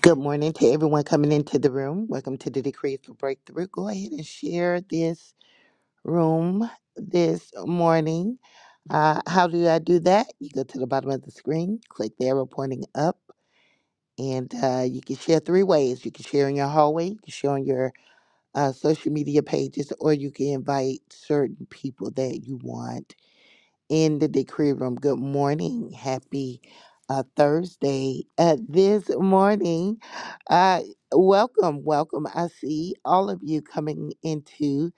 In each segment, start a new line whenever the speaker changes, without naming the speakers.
Good morning to everyone coming into the room. Welcome to the Decree for Breakthrough. Go ahead and share this room this morning. Uh, how do I do that? You go to the bottom of the screen, click the arrow pointing up, and uh, you can share three ways. You can share in your hallway, you can share on your uh, social media pages, or you can invite certain people that you want in the decree room. Good morning. Happy uh, Thursday. Uh, this morning, uh, welcome, welcome. I see all of you coming into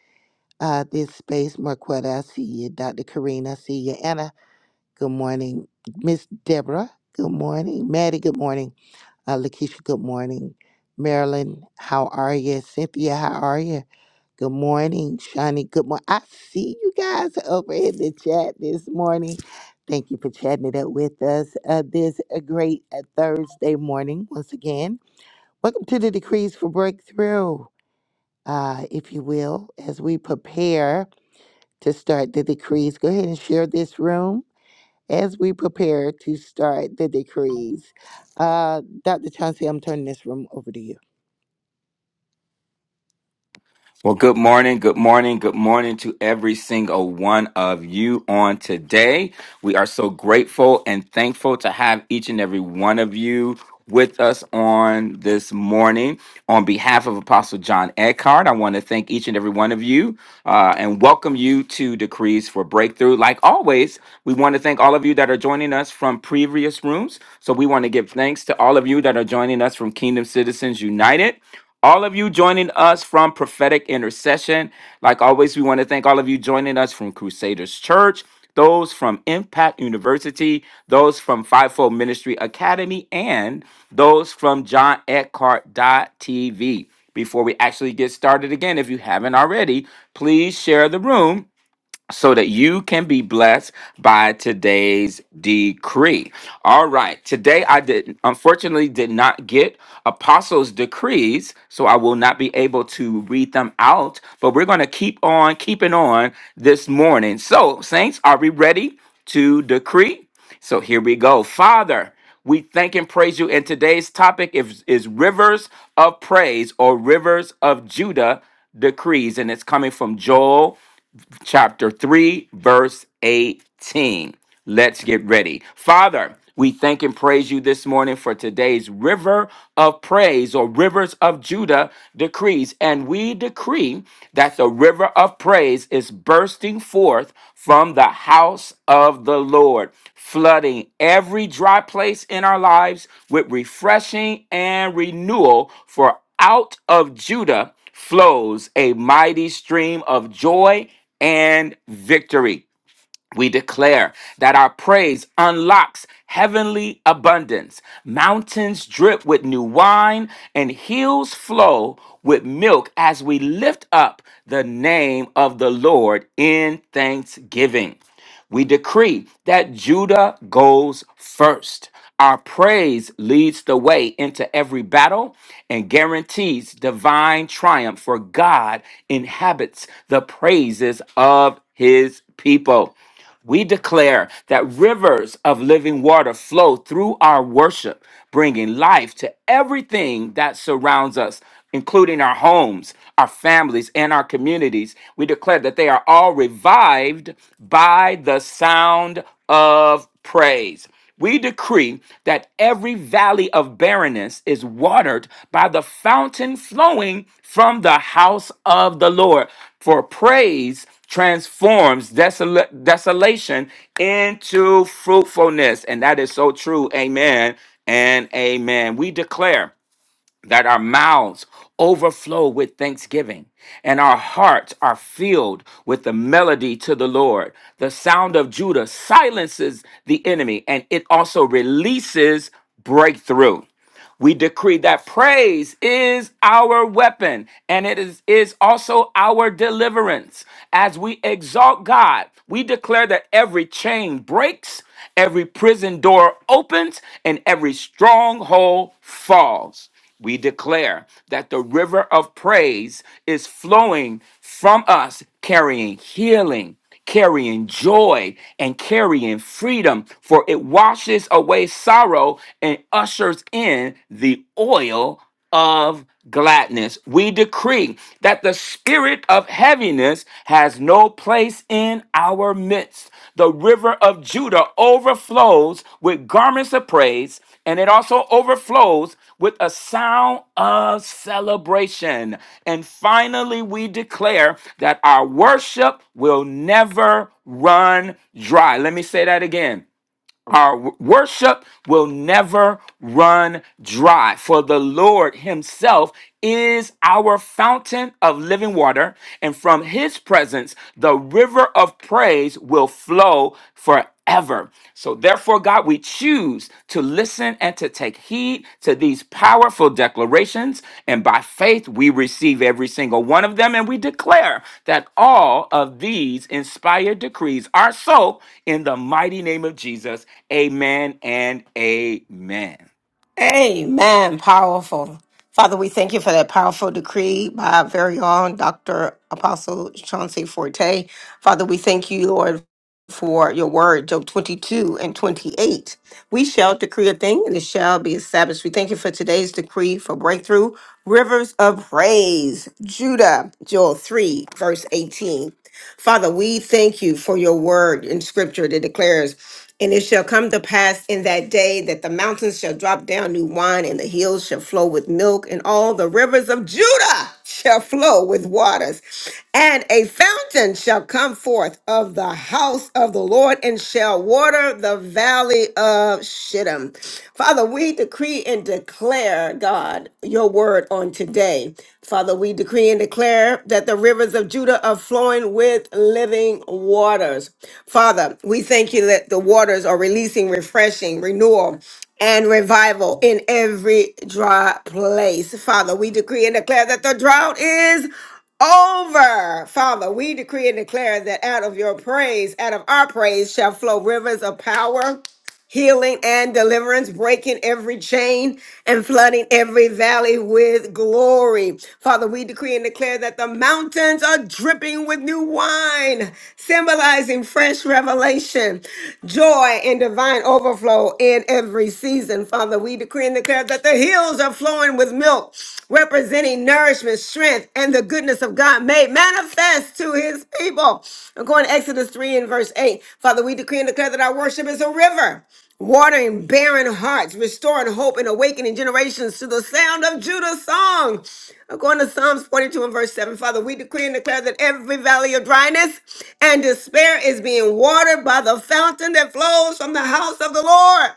uh, this space. Marquetta, I see you. Dr. Karina, I see you. Anna, good morning. Miss Deborah, good morning. Maddie, good morning. Uh, Lakeisha, good morning. Marilyn, how are you? Cynthia, how are you? Good morning, Shawnee. Good morning. I see you guys over in the chat this morning. Thank you for chatting it up with us uh, this a great uh, Thursday morning once again. Welcome to the Decrees for Breakthrough, uh, if you will, as we prepare to start the decrees. Go ahead and share this room as we prepare to start the decrees. Uh, Dr. Chauncey, I'm turning this room over to you.
Well, good morning, good morning, good morning to every single one of you on today. We are so grateful and thankful to have each and every one of you with us on this morning. On behalf of Apostle John Eckhart, I want to thank each and every one of you uh, and welcome you to Decrees for Breakthrough. Like always, we want to thank all of you that are joining us from previous rooms. So we want to give thanks to all of you that are joining us from Kingdom Citizens United. All of you joining us from Prophetic Intercession. Like always, we want to thank all of you joining us from Crusaders Church those from Impact University, those from Fivefold Ministry Academy, and those from John TV. Before we actually get started again, if you haven't already, please share the room so that you can be blessed by today's decree. All right, today I did unfortunately did not get apostles' decrees, so I will not be able to read them out, but we're going to keep on keeping on this morning. So, saints, are we ready to decree? So here we go. Father, we thank and praise you. And today's topic is, is rivers of praise or rivers of Judah decrees. And it's coming from Joel chapter 3, verse 18. Let's get ready. Father, we thank and praise you this morning for today's river of praise or rivers of Judah decrees. And we decree that the river of praise is bursting forth from the house of the Lord, flooding every dry place in our lives with refreshing and renewal. For out of Judah flows a mighty stream of joy and victory. We declare that our praise unlocks heavenly abundance. Mountains drip with new wine, and hills flow with milk as we lift up the name of the Lord in thanksgiving. We decree that Judah goes first. Our praise leads the way into every battle and guarantees divine triumph, for God inhabits the praises of his people. We declare that rivers of living water flow through our worship, bringing life to everything that surrounds us, including our homes, our families, and our communities. We declare that they are all revived by the sound of praise. We decree that every valley of barrenness is watered by the fountain flowing from the house of the Lord. For praise transforms desola- desolation into fruitfulness. And that is so true. Amen and amen. We declare that our mouths overflow with thanksgiving and our hearts are filled with the melody to the Lord. The sound of Judah silences the enemy and it also releases breakthrough. We decree that praise is our weapon and it is, is also our deliverance. As we exalt God, we declare that every chain breaks, every prison door opens, and every stronghold falls. We declare that the river of praise is flowing from us, carrying healing carrying joy and carrying freedom, for it washes away sorrow and ushers in the oil of gladness. We decree that the spirit of heaviness has no place in our midst. The river of Judah overflows with garments of praise, and it also overflows with a sound of celebration. And finally, we declare that our worship will never run dry. Let me say that again. Our w- worship will never run dry, for the Lord Himself is our fountain of living water, and from His presence, the river of praise will flow forever. So, therefore, God, we choose needs to listen and to take heed to these powerful declarations. And by faith, we receive every single one of them. And we declare that all of these inspired decrees are so in the mighty name of Jesus. Amen and amen.
Amen. Powerful. Father, we thank you for that powerful decree by our very own Dr. Apostle Chauncey Forte. Father, we thank you, Lord, for your word, Job 22 and 28. We shall decree a thing and it shall be established. We thank you for today's decree for breakthrough. Rivers of praise, Judah, Joel 3, verse 18. Father, we thank you for your word in scripture that declares. And it shall come to pass in that day that the mountains shall drop down new wine, and the hills shall flow with milk, and all the rivers of Judah shall flow with waters. And a fountain shall come forth of the house of the Lord, and shall water the valley of Shittim. Father, we decree and declare, God, your word on today. Father, we we decree and declare that the rivers of Judah are flowing with living waters. Father, we thank you that the waters are releasing refreshing, renewal, and revival in every dry place. Father, we decree and declare that the drought is over. Father, we decree and declare that out of your praise, out of our praise, shall flow rivers of power healing and deliverance, breaking every chain and flooding every valley with glory. Father, we decree and declare that the mountains are dripping with new wine, symbolizing fresh revelation, joy, and divine overflow in every season. Father, we decree and declare that the hills are flowing with milk, representing nourishment, strength, and the goodness of God made manifest to his people. According to Exodus 3 and verse 8, Father, we decree and declare that our worship is a river watering barren hearts, restoring hope and awakening generations to the sound of Judah's song. According to Psalms 42 and verse 7, Father, we decree and declare that every valley of dryness and despair is being watered by the fountain that flows from the house of the Lord.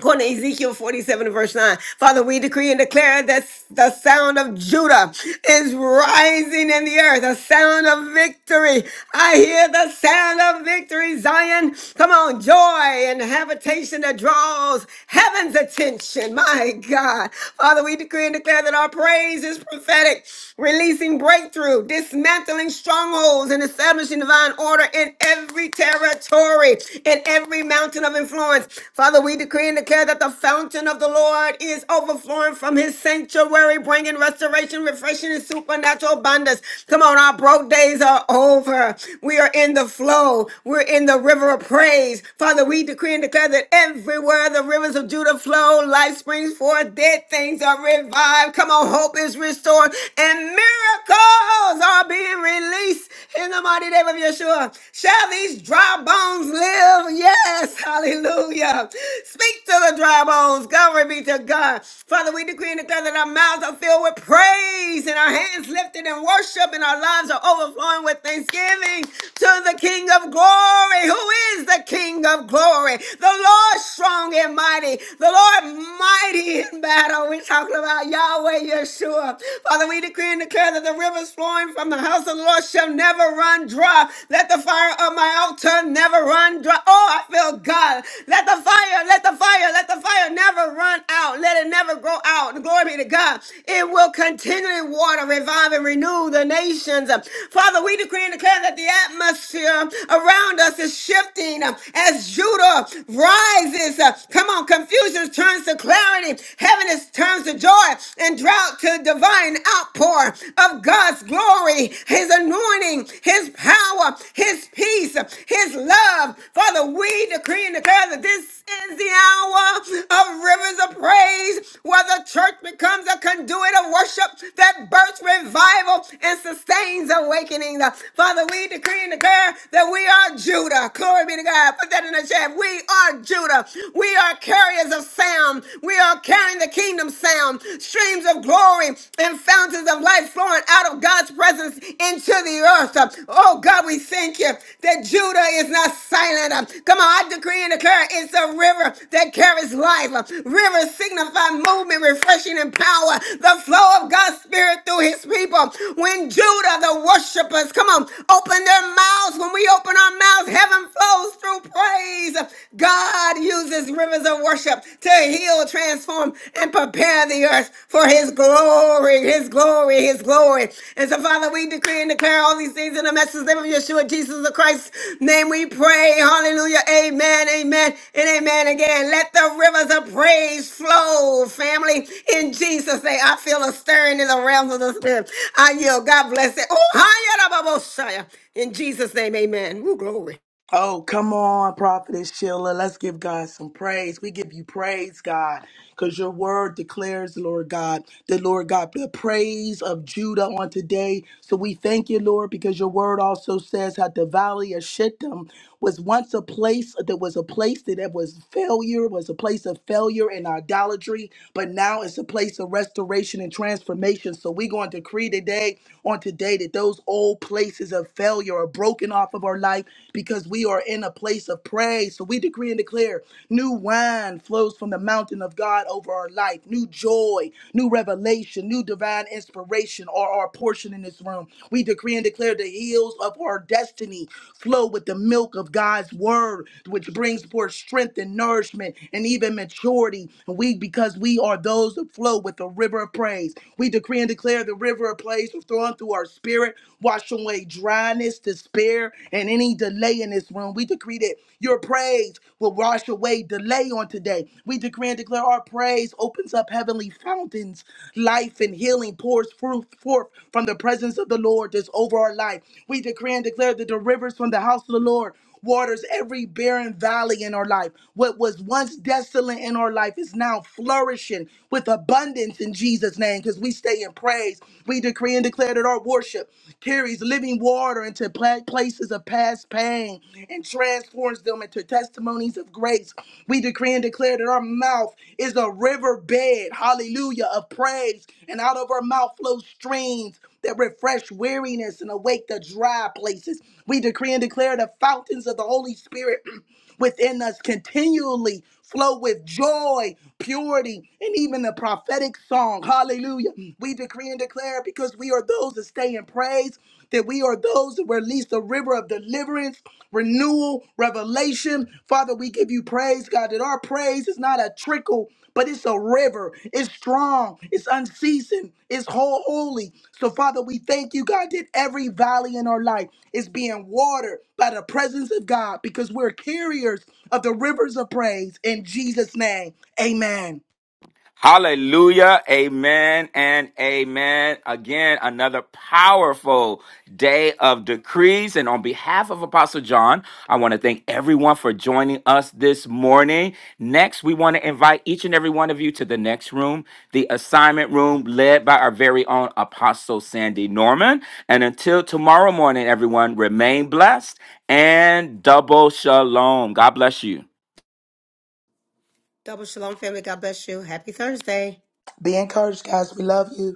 According to Ezekiel 47 verse 9. Father, we decree and declare that the sound of Judah is rising in the earth, a sound of victory. I hear the sound of victory, Zion. Come on, joy and habitation that draws heaven's attention. My God. Father, we decree and declare that our praise is prophetic, releasing breakthrough, dismantling strongholds, and establishing divine order in every territory glory in every mountain of influence. Father, we decree and declare that the fountain of the Lord is overflowing from his sanctuary, bringing restoration, refreshing, and supernatural abundance. Come on, our broke days are over. We are in the flow, we're in the river of praise. Father, we decree and declare that everywhere the rivers of Judah flow, life springs forth, dead things are revived. Come on, hope is restored, and miracles are being released peace in the mighty name of Yeshua. Shall these dry bones live? Yes, hallelujah. Speak to the dry bones. Glory be to God. Father, we decree and declare that our mouths are filled with praise and our hands lifted in worship and our lives are overflowing with thanksgiving to the King of glory. Who is the King of glory? The Lord strong and mighty. The Lord mighty in battle. We're talking about Yahweh Yeshua river. Father, we decree and declare that the rivers flowing from the house of the Lord shall never run dry. Let the fire of my altar never run dry. Oh, I feel God. Let the fire, let the fire, let the fire never run out. Let it never go out. Glory be to God. It will continually water, revive, and renew the nations. Father, we decree and declare that the atmosphere around us is shifting um, as Judah rises. Uh, Come on, confusion turns to clarity clarity. Heaven is turns to joy and drought to divine outpour of God's glory, His anointing, His power, His peace, His love. Father, we decree and declare that this is the hour of rivers of praise where the church becomes a conduit of worship that births revival and sustains awakening. Father, we decree and declare that we are Judah. Glory be to God. Put that in the Meshach. We are Judah. We are carriers of sound. We are carrying the kingdom sound. Streams of glory and fountains of life flowing out of God's presence into the earth. Oh God, we thank you that Judah is not silent. Come on, I decree and declare it's a river that carries life. Rivers signify movement, refreshing, and power. The flow of God's Spirit through his people. When Judah, the worshipers, come on, open their our mouths, when we open our mouths, heaven flows through praise. God uses rivers of worship to heal, transform, and prepare the earth for his glory, his glory, his glory. And so, Father, we decree and declare all these things in the message name of Yeshua, Jesus the Christ's name we pray. Hallelujah. Amen, amen, and amen again. Let the rivers of praise flow, family. In Jesus' name, I feel a stirring in the realms of the spirit. I yield. God bless it. Oh, hi, in Jesus' name, amen. Woo, glory.
Oh, come on, Prophetess Sheila. Let's give God some praise. We give you praise, God, because your word declares, Lord God, the Lord God, the praise of Judah on today. So we thank you, Lord, because your word also says how the valley of Shittim was once a place that was a place that it was failure, was a place of failure and idolatry, but now it's a place of restoration and transformation. So we're going to decree today on today that those old places of failure are broken off of our life because we are in a place of praise. So we decree and declare new wine flows from the mountain of God over our life, new joy, new revelation, new divine inspiration are our portion portion in this room. We decree and declare the hills of our destiny flow with the milk of God's word, which brings forth strength and nourishment and even maturity. And we, because we are those that flow with the river of praise, we decree and declare the river of praise will thrown through our spirit, wash away dryness, despair, and any delay in this room. We decree that your praise will wash away delay on today. We decree and declare our our praise opens up heavenly fountains. Life and healing pours forth forth from the presence of the Lord that's over our life. We decree and declare that the rivers from the house of the Lord waters every barren valley in our life. What was once desolate in our life is now flourishing with abundance in Jesus' name because we stay in praise. We decree and declare that our worship carries living water into pla- places of past pain and transforms them into testimonies of grace. We decree and declare that our mouth is a riverbed, hallelujah, of praise. And out of our mouth flow streams that refresh weariness and awake the dry places. We decree and declare the fountains of the Holy Spirit within us continually flow with joy, purity, and even the prophetic song. Hallelujah. We decree and declare because we are those that stay in praise that we are those that release the river of deliverance, renewal, revelation. Father, we give you praise, God, that our praise is not a trickle, but it's a river. It's strong, it's unceasing, it's whole holy. So, Father, we thank you, God, that every valley in our life is being watered by the presence of God because we're carriers of the rivers of praise in Jesus' name. Amen.
Hallelujah. Amen and amen. Again, another powerful day of decrees. And on behalf of Apostle John, I want to thank everyone for joining us this morning. Next, we want to invite each and every one of you to the next room, the assignment room led by our very own Apostle Sandy Norman. And until tomorrow morning, everyone, remain blessed and double shalom. God bless you.
Double shalom, family. God bless you. Happy Thursday.
Be encouraged, guys. We love you.